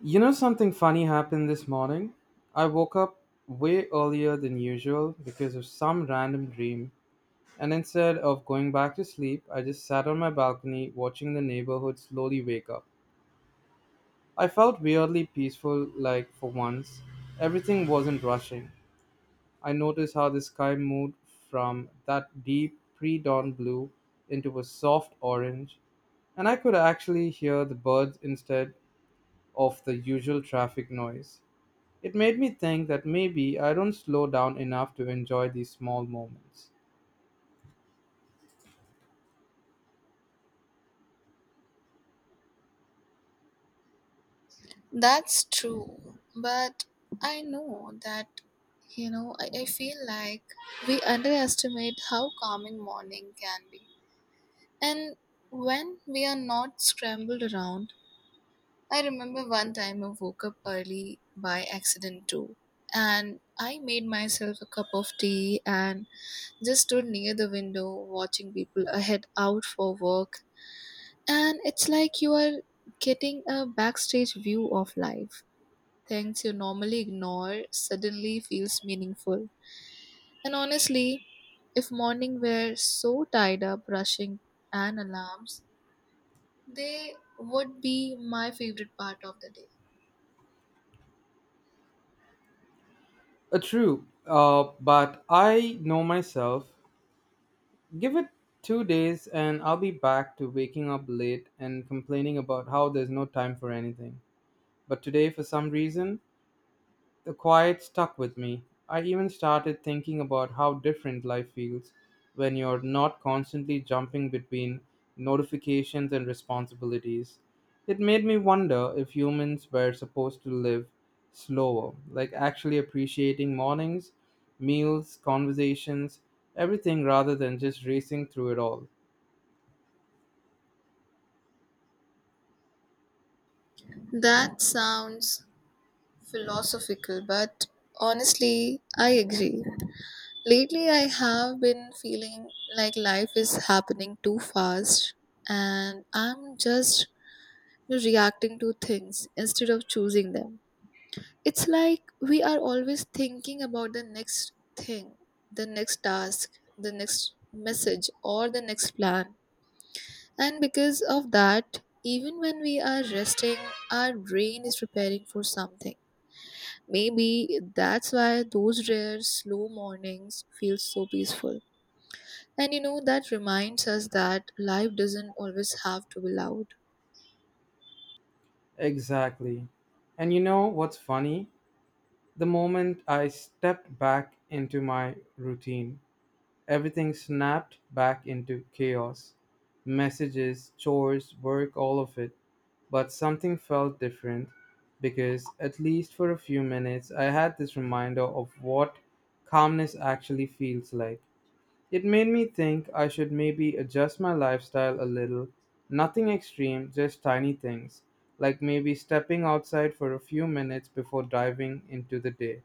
You know, something funny happened this morning. I woke up way earlier than usual because of some random dream, and instead of going back to sleep, I just sat on my balcony watching the neighborhood slowly wake up. I felt weirdly peaceful, like for once. Everything wasn't rushing. I noticed how the sky moved from that deep pre dawn blue into a soft orange, and I could actually hear the birds instead of the usual traffic noise. It made me think that maybe I don't slow down enough to enjoy these small moments. That's true. But I know that, I feel like we underestimate how calming morning can be. And when we are not scrambled around, I remember one time I woke up early by accident too. And I made myself a cup of tea and just stood near the window watching people ahead out for work. And it's like you are getting a backstage view of life things you normally ignore suddenly feels meaningful. And honestly, if morning were so tied up rushing and alarms, they would be my favorite part of the day. True, but I know myself. Give it 2 days and I'll be back to waking up late and complaining about how there's no time for anything. But today, for some reason, the quiet stuck with me. I even started thinking about how different life feels when you're not constantly jumping between notifications and responsibilities. It made me wonder if humans were supposed to live slower, like actually appreciating mornings, meals, conversations, everything rather than just racing through it all. That sounds philosophical, but honestly, I agree. Lately, I have been feeling like life is happening too fast and I'm just reacting to things instead of choosing them. It's like we are always thinking about the next thing, the next task, the next message, or the next plan. And because of that, even when we are resting, our brain is preparing for something. Maybe that's why those rare slow mornings feel so peaceful. And you know, that reminds us that life doesn't always have to be loud. Exactly. And you know what's funny? The moment I stepped back into my routine, everything snapped back into chaos: messages, chores, work, all of it. But something felt different because, at least for a few minutes, I had this reminder of what calmness actually feels like. It made me think I should maybe adjust my lifestyle a little. Nothing extreme, just tiny things, like maybe stepping outside for a few minutes before diving into the day.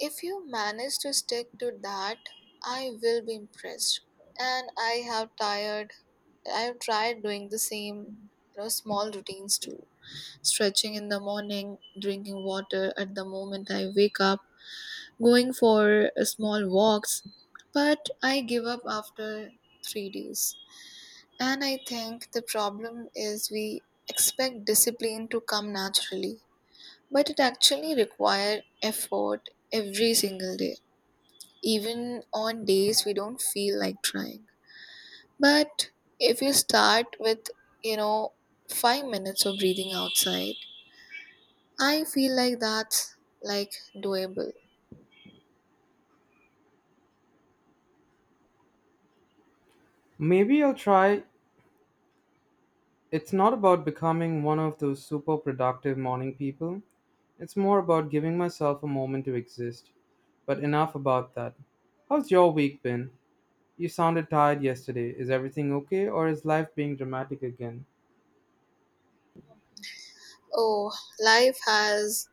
If you manage to stick to that, I will be impressed. And I have tired I've tried doing the same, you know, small routines too. Stretching in the morning, drinking water at the moment I wake up, going for small walks. But I give up after 3 days. And I think the problem is we expect discipline to come naturally, but it actually requires effort every single day, even on days we don't feel like trying. But if you start with, you know, 5 minutes of breathing outside, I feel like that's like doable. Maybe I'll try. It's not about becoming one of those super productive morning people. It's more about giving myself a moment to exist. But enough about that. How's your week been? You sounded tired yesterday. Is everything okay or is life being dramatic again? Oh, life has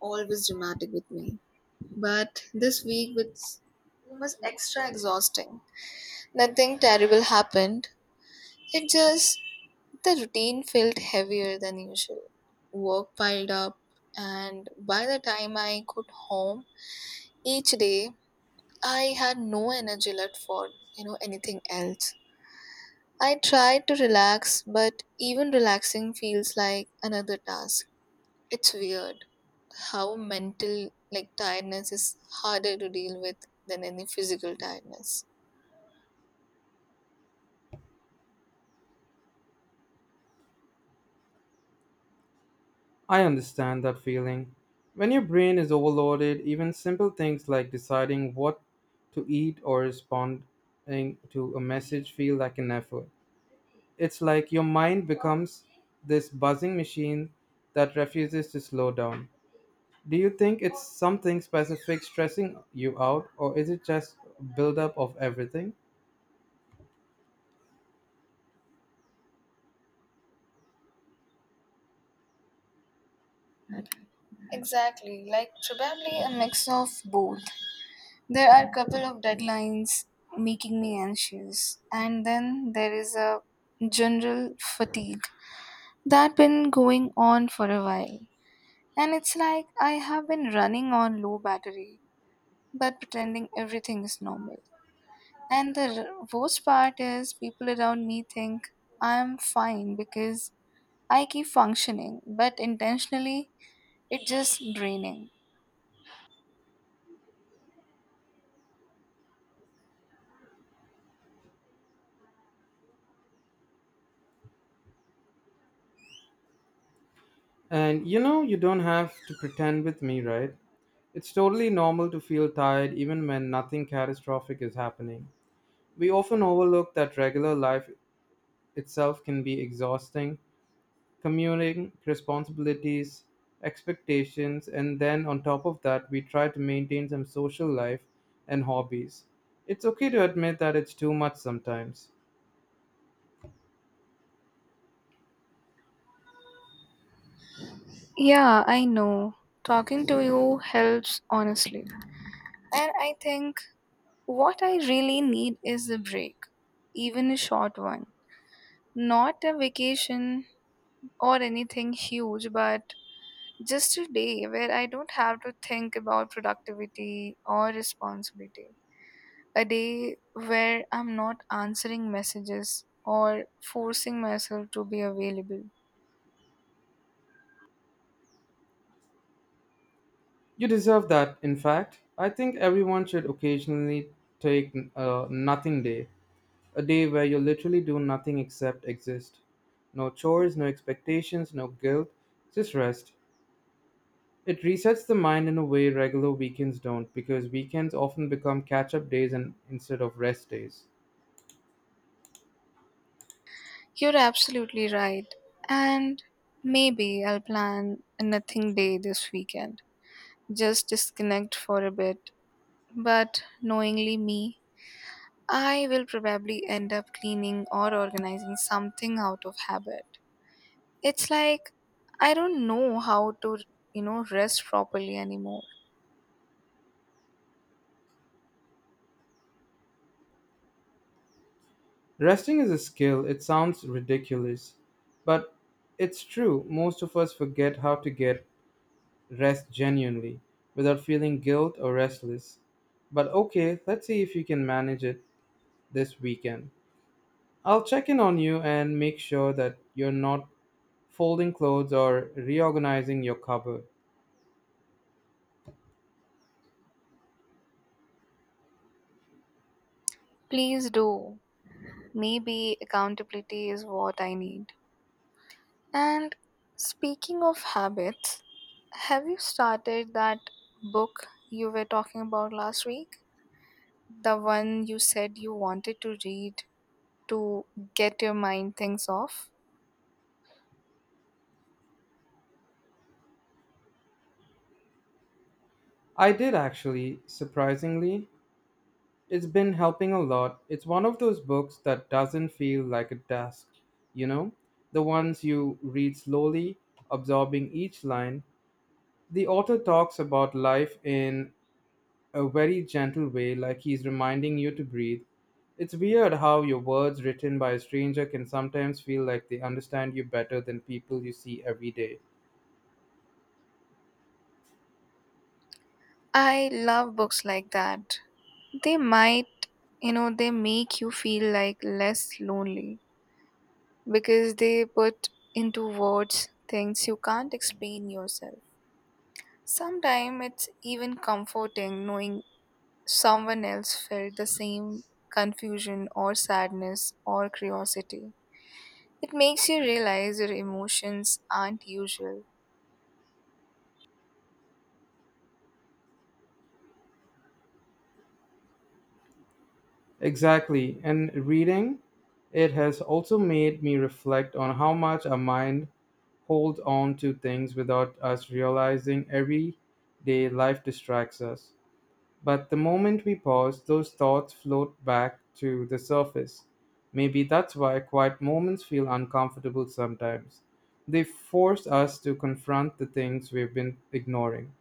always dramatic with me. But this was extra exhausting. Nothing terrible happened. It just, the routine felt heavier than usual. Work piled up, and by the time I got home each day, I had no energy left for anything else. I try to relax, but even relaxing feels like another task. It's weird how mental tiredness is harder to deal with than any physical tiredness. I understand that feeling. When your brain is overloaded, even simple things like deciding what to eat or responding to a message feel like an effort. It's like your mind becomes this buzzing machine that refuses to slow down. Do you think it's something specific stressing you out, or is it just buildup of everything? Exactly, like probably a mix of both. There are a couple of deadlines making me anxious, and then there is a general fatigue that been going on for a while. And it's like I have been running on low battery, but pretending everything is normal. And the worst part is people around me think I'm fine because I keep functioning, but intentionally it's just draining. And you know, you don't have to pretend with me, right? It's totally normal to feel tired even when nothing catastrophic is happening. We often overlook that regular life itself can be exhausting: commuting, responsibilities, expectations, and then on top of that, we try to maintain some social life and hobbies. It's okay to admit that it's too much sometimes. Yeah, I know. Talking to you helps honestly. And I think what I really need is a break, even a short one. Not a vacation or anything huge, but just a day where I don't have to think about productivity or responsibility. A day where I'm not answering messages or forcing myself to be available. You deserve that, in fact. I think everyone should occasionally take a nothing day, a day where you literally do nothing except exist. No chores, no expectations, no guilt, just rest. It resets the mind in a way regular weekends don't, because weekends often become catch up days and instead of rest days. You're absolutely right. And maybe I'll plan a nothing day this weekend. Just disconnect for a bit, but knowingly me I will probably end up cleaning or organizing something out of habit. It's like I don't know how to, rest properly anymore. Resting is a skill. It sounds ridiculous, but it's true. Most of us forget how to get rest genuinely without feeling guilt or restless. But okay, let's see if you can manage it this weekend. I'll check in on you and make sure that you're not folding clothes or reorganizing your cupboard. Please do. Maybe accountability is what I need. And speaking of habits, have you started that book you were talking about last week? The one you said you wanted to read to get your mind things off? I did actually, surprisingly. It's been helping a lot. It's one of those books that doesn't feel like a task, you know? The ones you read slowly, absorbing each line. The author talks about life in a very gentle way, like he's reminding you to breathe. It's weird how your words written by a stranger can sometimes feel like they understand you better than people you see every day. I love books like that, they might, they make you feel like less lonely because they put into words things you can't explain yourself. Sometimes it's even comforting knowing someone else felt the same confusion or sadness or curiosity. It makes you realize your emotions aren't usual. Exactly. And reading it has also made me reflect on how much our mind holds on to things without us realizing. Every day life distracts us, but the moment we pause, those thoughts float back to the surface. Maybe that's why quiet moments feel uncomfortable sometimes. They force us to confront the things we've been ignoring.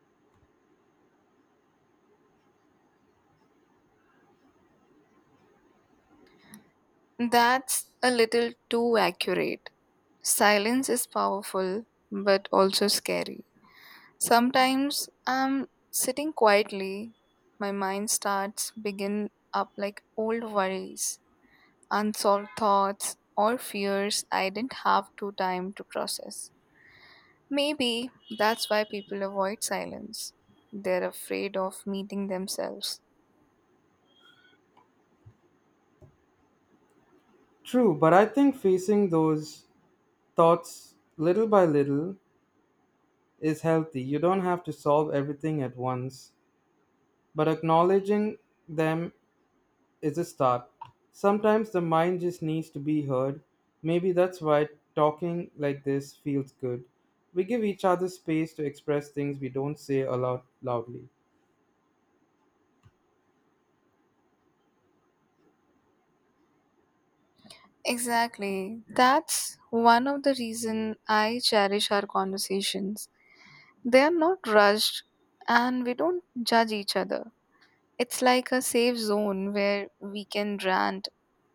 That's a little too accurate. Silence is powerful but also scary. Sometimes I'm sitting quietly, my mind starts begin up like old worries, unsolved thoughts, or fears I didn't have to time to process. Maybe that's why people avoid silence. They're afraid of meeting themselves. True, but I think facing those thoughts little by little is healthy. You don't have to solve everything at once, but acknowledging them is a start. Sometimes the mind just needs to be heard. Maybe that's why talking like this feels good. We give each other space to express things we don't say aloud loudly. Exactly. That's one of the reason I cherish our conversations. They are not rushed and we don't judge each other. It's like a safe zone where we can rant,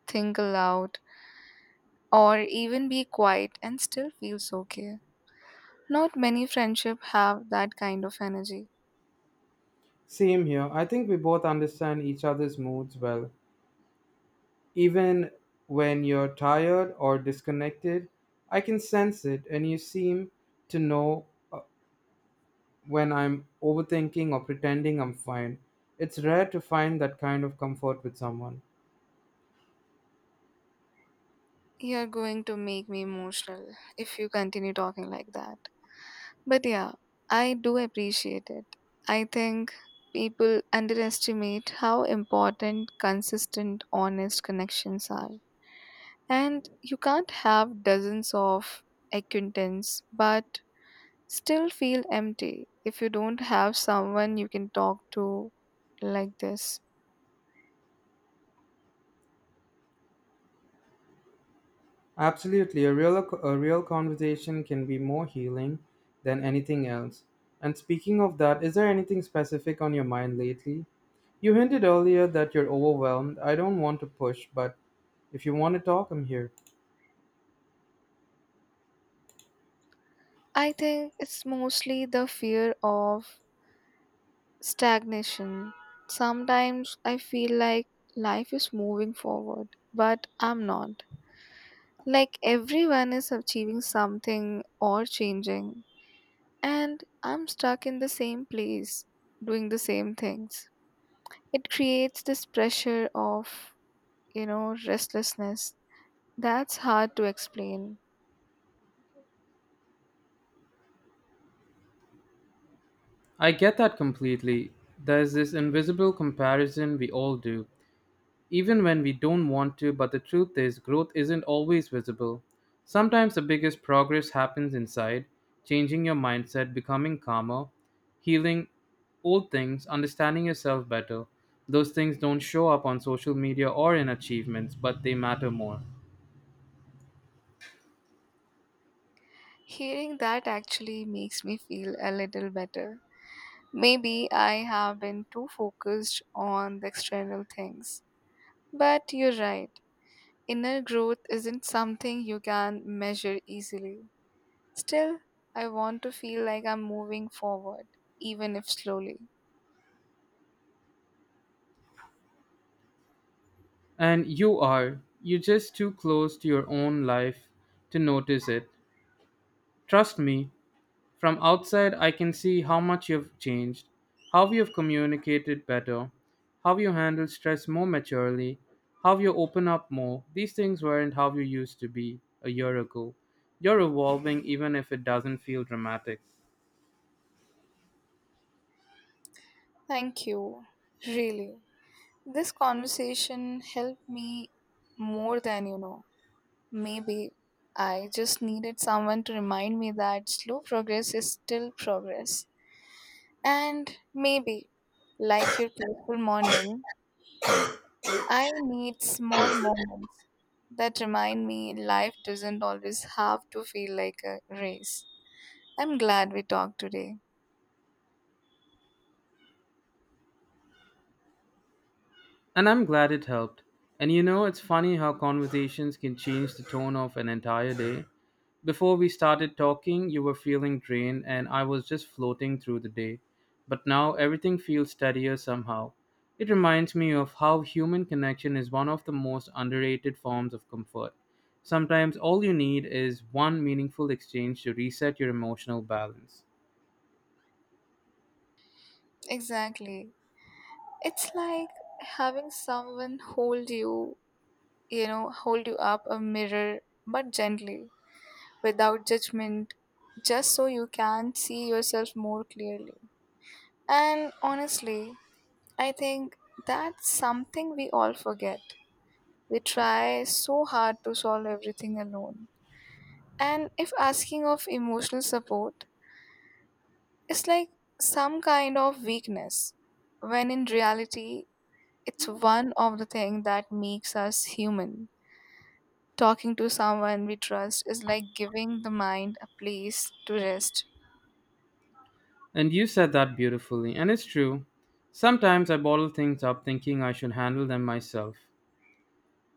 think aloud, or even be quiet and still feels okay. Not many friendships have that kind of energy. Same here. I think we both understand each other's moods well. Even when you're tired or disconnected, I can sense it, and you seem to know when I'm overthinking or pretending I'm fine. It's rare to find that kind of comfort with someone. You're going to make me emotional if you continue talking like that. But yeah, I do appreciate it. I think people underestimate how important consistent, honest connections are. And you can't have dozens of acquaintance, but still feel empty if you don't have someone you can talk to like this. Absolutely, a real conversation can be more healing than anything else. And speaking of that, is there anything specific on your mind lately? You hinted earlier that you're overwhelmed. I don't want to push, but if you want to talk, I'm here. I think it's mostly the fear of stagnation. Sometimes I feel like life is moving forward, but I'm not. Like everyone is achieving something or changing, and I'm stuck in the same place doing the same things. It creates this pressure of, restlessness. That's hard to explain. I get that completely. There's this invisible comparison we all do. Even when we don't want to. But the truth is, growth isn't always visible. Sometimes the biggest progress happens inside: changing your mindset, becoming calmer, healing old things, understanding yourself better. Those things don't show up on social media or in achievements, but they matter more. Hearing that actually makes me feel a little better. Maybe I have been too focused on the external things. But you're right, inner growth isn't something you can measure easily. Still, I want to feel like I'm moving forward, even if slowly. And you are, you're just too close to your own life to notice it. Trust me, from outside I can see how much you've changed, how you've communicated better, how you handle stress more maturely, how you open up more. These things weren't how you used to be a year ago. You're evolving even if it doesn't feel dramatic. Thank you, really. This conversation helped me more than you know. Maybe I just needed someone to remind me that slow progress is still progress. And maybe, like your peaceful morning, I need small moments that remind me life doesn't always have to feel like a race. I'm glad we talked today. And I'm glad it helped. And you know, it's funny how conversations can change the tone of an entire day. Before we started talking, you were feeling drained and I was just floating through the day. But now everything feels steadier somehow. It reminds me of how human connection is one of the most underrated forms of comfort. Sometimes all you need is one meaningful exchange to reset your emotional balance. Exactly. It's like having someone hold you, hold you up a mirror, but gently, without judgment, just so you can see yourself more clearly. And honestly, I think that's something we all forget. We try so hard to solve everything alone. And if asking of emotional support is like some kind of weakness, when in reality, it's one of the things that makes us human. Talking to someone we trust is like giving the mind a place to rest. And you said that beautifully, and it's true. Sometimes I bottle things up thinking I should handle them myself.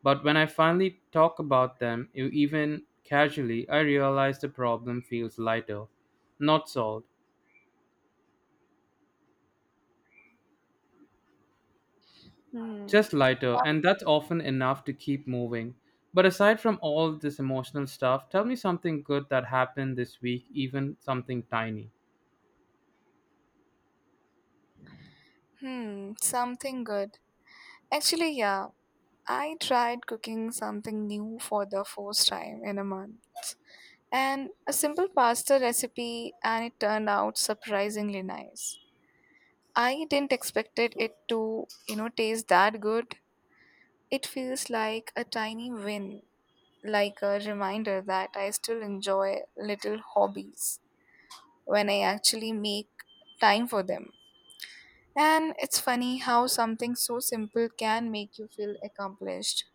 But when I finally talk about them, even casually, I realize the problem feels lighter. Not solved, Hmm. just lighter, and that's often enough to keep moving. But aside from all this emotional stuff, tell me something good that happened this week, even something tiny. Hmm, something good. Actually, yeah, I tried cooking something new for the first time in a month. And a simple pasta recipe, and it turned out surprisingly nice. I didn't expect it to, taste that good. It feels like a tiny win, like a reminder that I still enjoy little hobbies when I actually make time for them. And it's funny how something so simple can make you feel accomplished.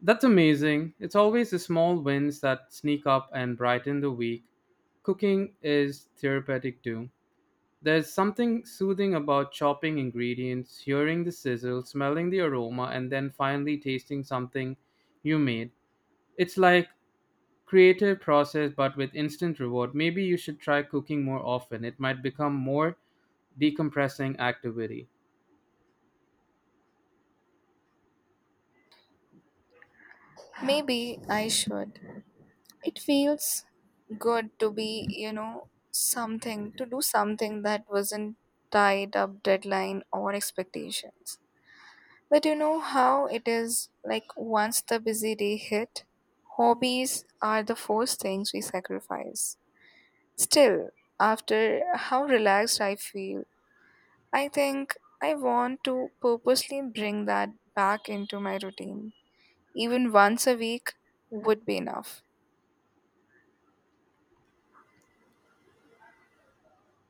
That's amazing. It's always the small wins that sneak up and brighten the week. Cooking is therapeutic too. There's something soothing about chopping ingredients, hearing the sizzle, smelling the aroma, and then finally tasting something you made. It's like creative process but with instant reward. Maybe you should try cooking more often. It might become more decompressing activity. Maybe I should. It feels good to be, to do something that wasn't tied up deadline or expectations. But you know how it is, like once the hobbies are the first things we sacrifice. Still, after how relaxed I feel, I think I want to purposely bring that back into my routine. Even once a week would be enough.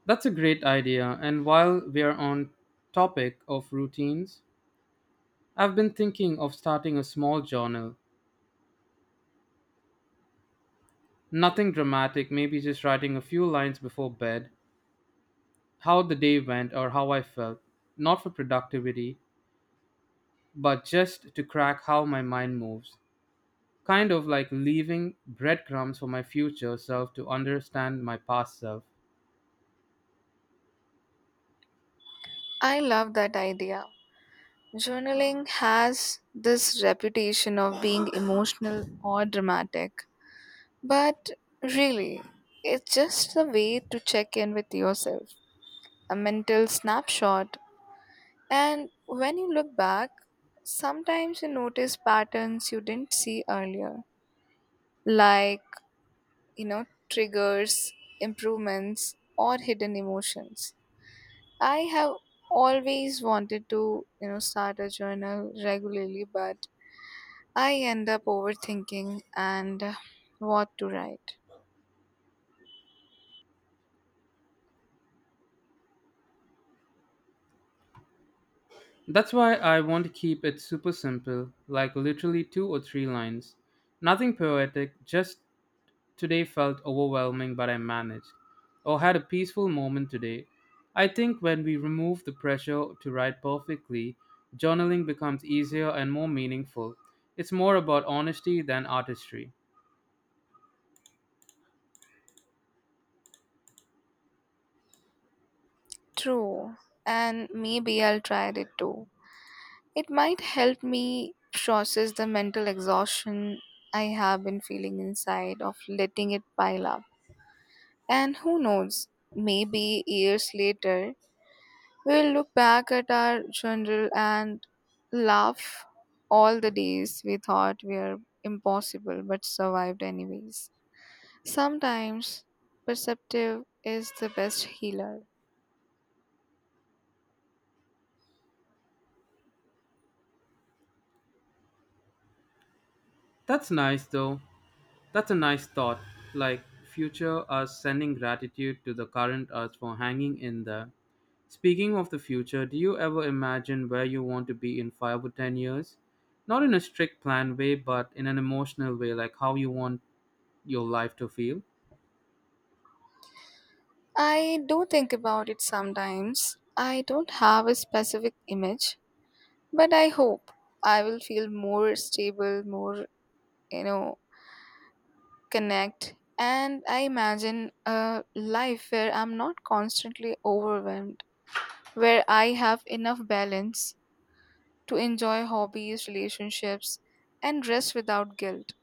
That's a great idea. And while we are on topic of routines, I've been thinking of starting a small journal. Nothing dramatic, maybe just writing a few lines before bed, how the day went or how I felt. Not for productivity, but just to crack how my mind moves. Kind of like leaving breadcrumbs for my future self to understand my past self. I love that idea. Journaling has this reputation of being emotional or dramatic, but really, it's just a way to check in with yourself, a mental snapshot. And when you look back, sometimes you notice patterns you didn't see earlier, like, you know, triggers, improvements, or hidden emotions. I have always wanted to, start a journal regularly, but I end up overthinking and what to write. That's why I want to keep it super simple, like literally two or three lines. Nothing poetic, just "Today felt overwhelming, but I managed," or "Had a peaceful moment today." I think when we remove the pressure to write perfectly, journaling becomes easier and more meaningful. It's more about honesty than artistry. True, and maybe I'll try it too. It might help me process the mental exhaustion I have been feeling inside of letting it pile up. And who knows, maybe years later, we'll look back at our journal and laugh all the days we thought were impossible but survived anyways. Sometimes perceptive is the best healer. That's nice though. That's a nice thought. Like future us sending gratitude to the current us for hanging in there. Speaking of the future, do you ever imagine where you want to be in 5 or 10 years? Not in a strict plan way, but in an emotional way, like how you want your life to feel? I do think about it sometimes. I don't have a specific image, but I hope I will feel more stable, more, you know, connect. And I imagine a life where I'm not constantly overwhelmed, where I have enough balance to enjoy hobbies, relationships, and rest without guilt.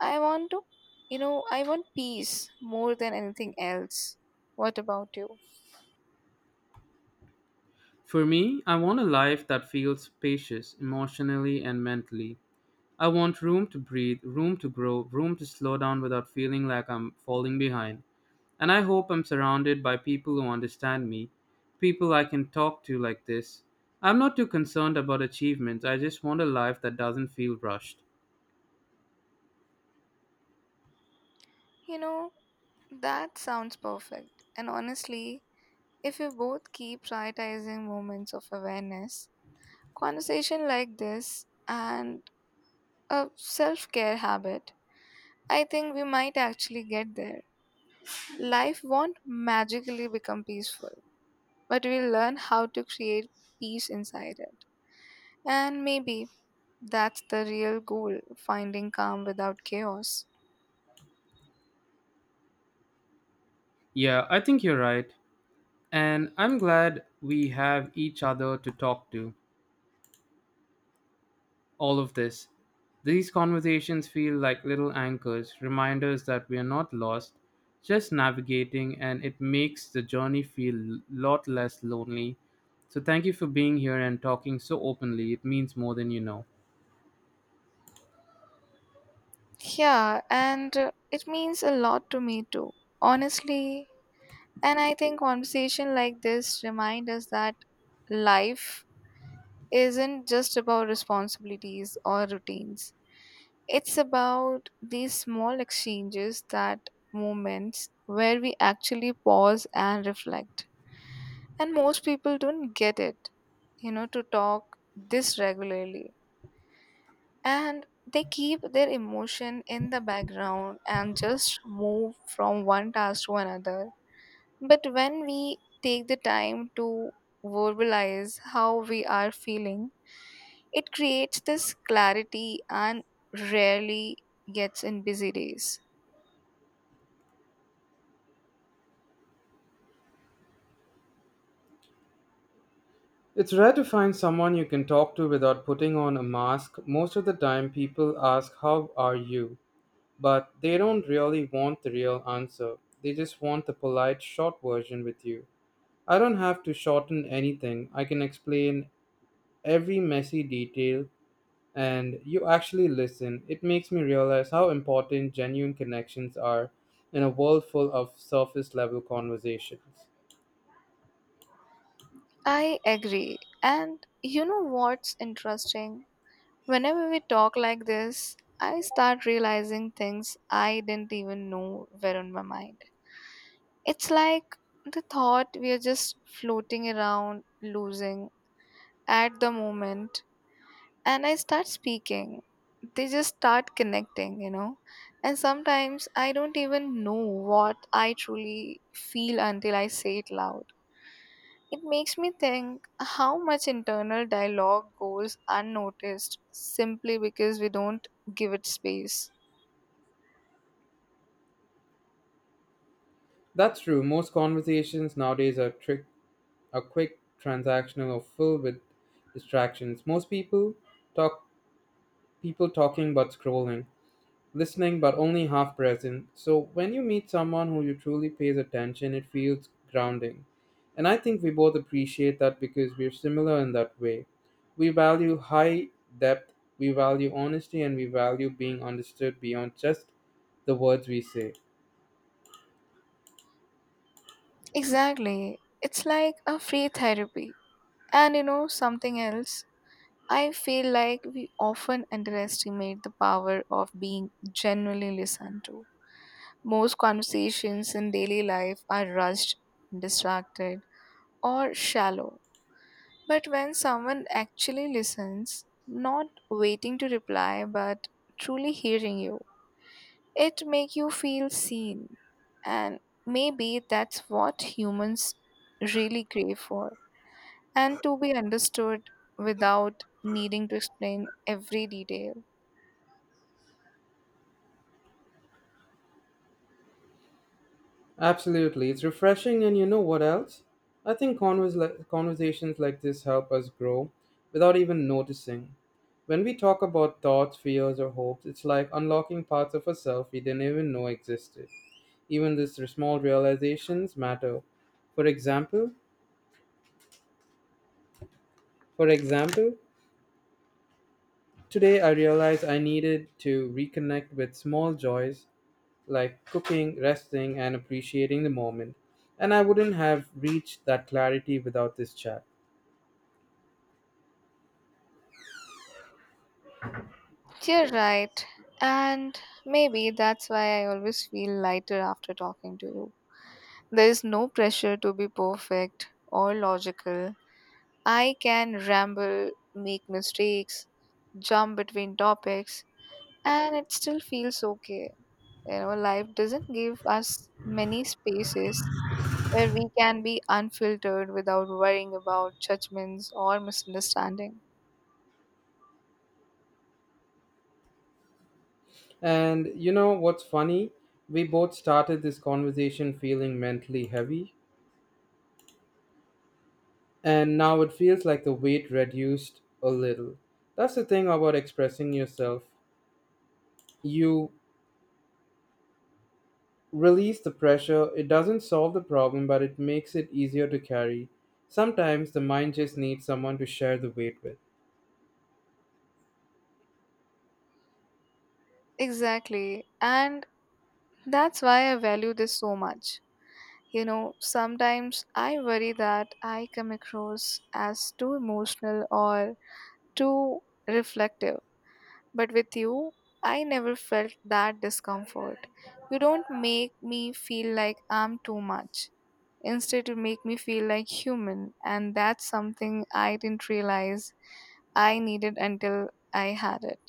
I want to, I want peace more than anything else. What about you? For me, I want a life that feels spacious emotionally and mentally. I want room to breathe, room to grow, room to slow down without feeling like I'm falling behind. And I hope I'm surrounded by people who understand me, people I can talk to like this. I'm not too concerned about achievements, I just want a life that doesn't feel rushed. You know, that sounds perfect. And honestly, if we both keep prioritizing moments of awareness, conversation like this, and a self care habit, I think we might actually get there. Life won't magically become peaceful, but we'll learn how to create peace inside it. And maybe that's the real goal, finding calm without chaos. Yeah, I think you're right. And I'm glad we have each other to talk to all of this. These conversations feel like little anchors, reminders that we are not lost, just navigating, and it makes the journey feel a lot less lonely. So, thank you for being here and talking so openly. It means more than you know. Yeah, and it means a lot to me too, honestly. And I think conversation like this remind us that life isn't just about responsibilities or routines. It's about these small exchanges, that moments where we actually pause and reflect. And most people don't get it, to talk this regularly, and they keep their emotion in the background and just move from one task to another. But when we take the time to verbalize how we are feeling, it creates this clarity and rarely gets in busy days. It's rare to find someone you can talk to without putting on a mask. Most of the time, people ask, "How are you?" But they don't really want the real answer. They just want the polite, short version. With you, I don't have to shorten anything. I can explain every messy detail and you actually listen. It makes me realize how important genuine connections are in a world full of surface level conversations. I agree. And you know what's interesting? Whenever we talk like this, I start realizing things I didn't even know were on my mind. It's like the thought we are just floating around, losing at the moment, and I start speaking. They just start connecting, you know. And sometimes I don't even know what I truly feel until I say it loud. It makes me think how much internal dialogue goes unnoticed simply because we don't give it space. That's true. Most conversations nowadays are trick are quick, transactional, or filled with distractions. Most people talk People talking but scrolling, listening but only half present. So when you meet someone who you truly pays attention, it feels grounding. And I think we both appreciate that because we're similar in that way. We value high depth, we value honesty, and we value being understood beyond just the words we say. Exactly. It's like a free therapy. And you know, something else. I feel like we often underestimate the power of being genuinely listened to. Most conversations in daily life are rushed, distracted, or shallow. But when someone actually listens, not waiting to reply but truly hearing you, it make you feel seen. And maybe that's what humans really crave for. And to be understood without needing to explain every detail. Absolutely. It's refreshing, and you know what else? I think conversations like this help us grow without even noticing. When we talk about thoughts, fears, or hopes, it's like unlocking parts of ourselves we didn't even know existed. Even these small realizations matter. For example, for example, today I realized I needed to reconnect with small joys like cooking, resting, and appreciating the moment. And I wouldn't have reached that clarity without this chat. You're right. And maybe that's why I always feel lighter after talking to you. There is no pressure to be perfect or logical. I can ramble, make mistakes, jump between topics, and it still feels okay. You know, life doesn't give us many spaces where we can be unfiltered without worrying about judgments or misunderstanding. And you know what's funny? We both started this conversation feeling mentally heavy, and now it feels like the weight reduced a little. That's the thing about expressing yourself. You release the pressure. It doesn't solve the problem, but it makes it easier to carry. Sometimes the mind just needs someone to share the weight with. Exactly. And that's why I value this so much. You know, sometimes I worry that I come across as too emotional or too reflective. But with you, I never felt that discomfort. You don't make me feel like I'm too much. Instead, you make me feel like human, and that's something I didn't realize I needed until I had it.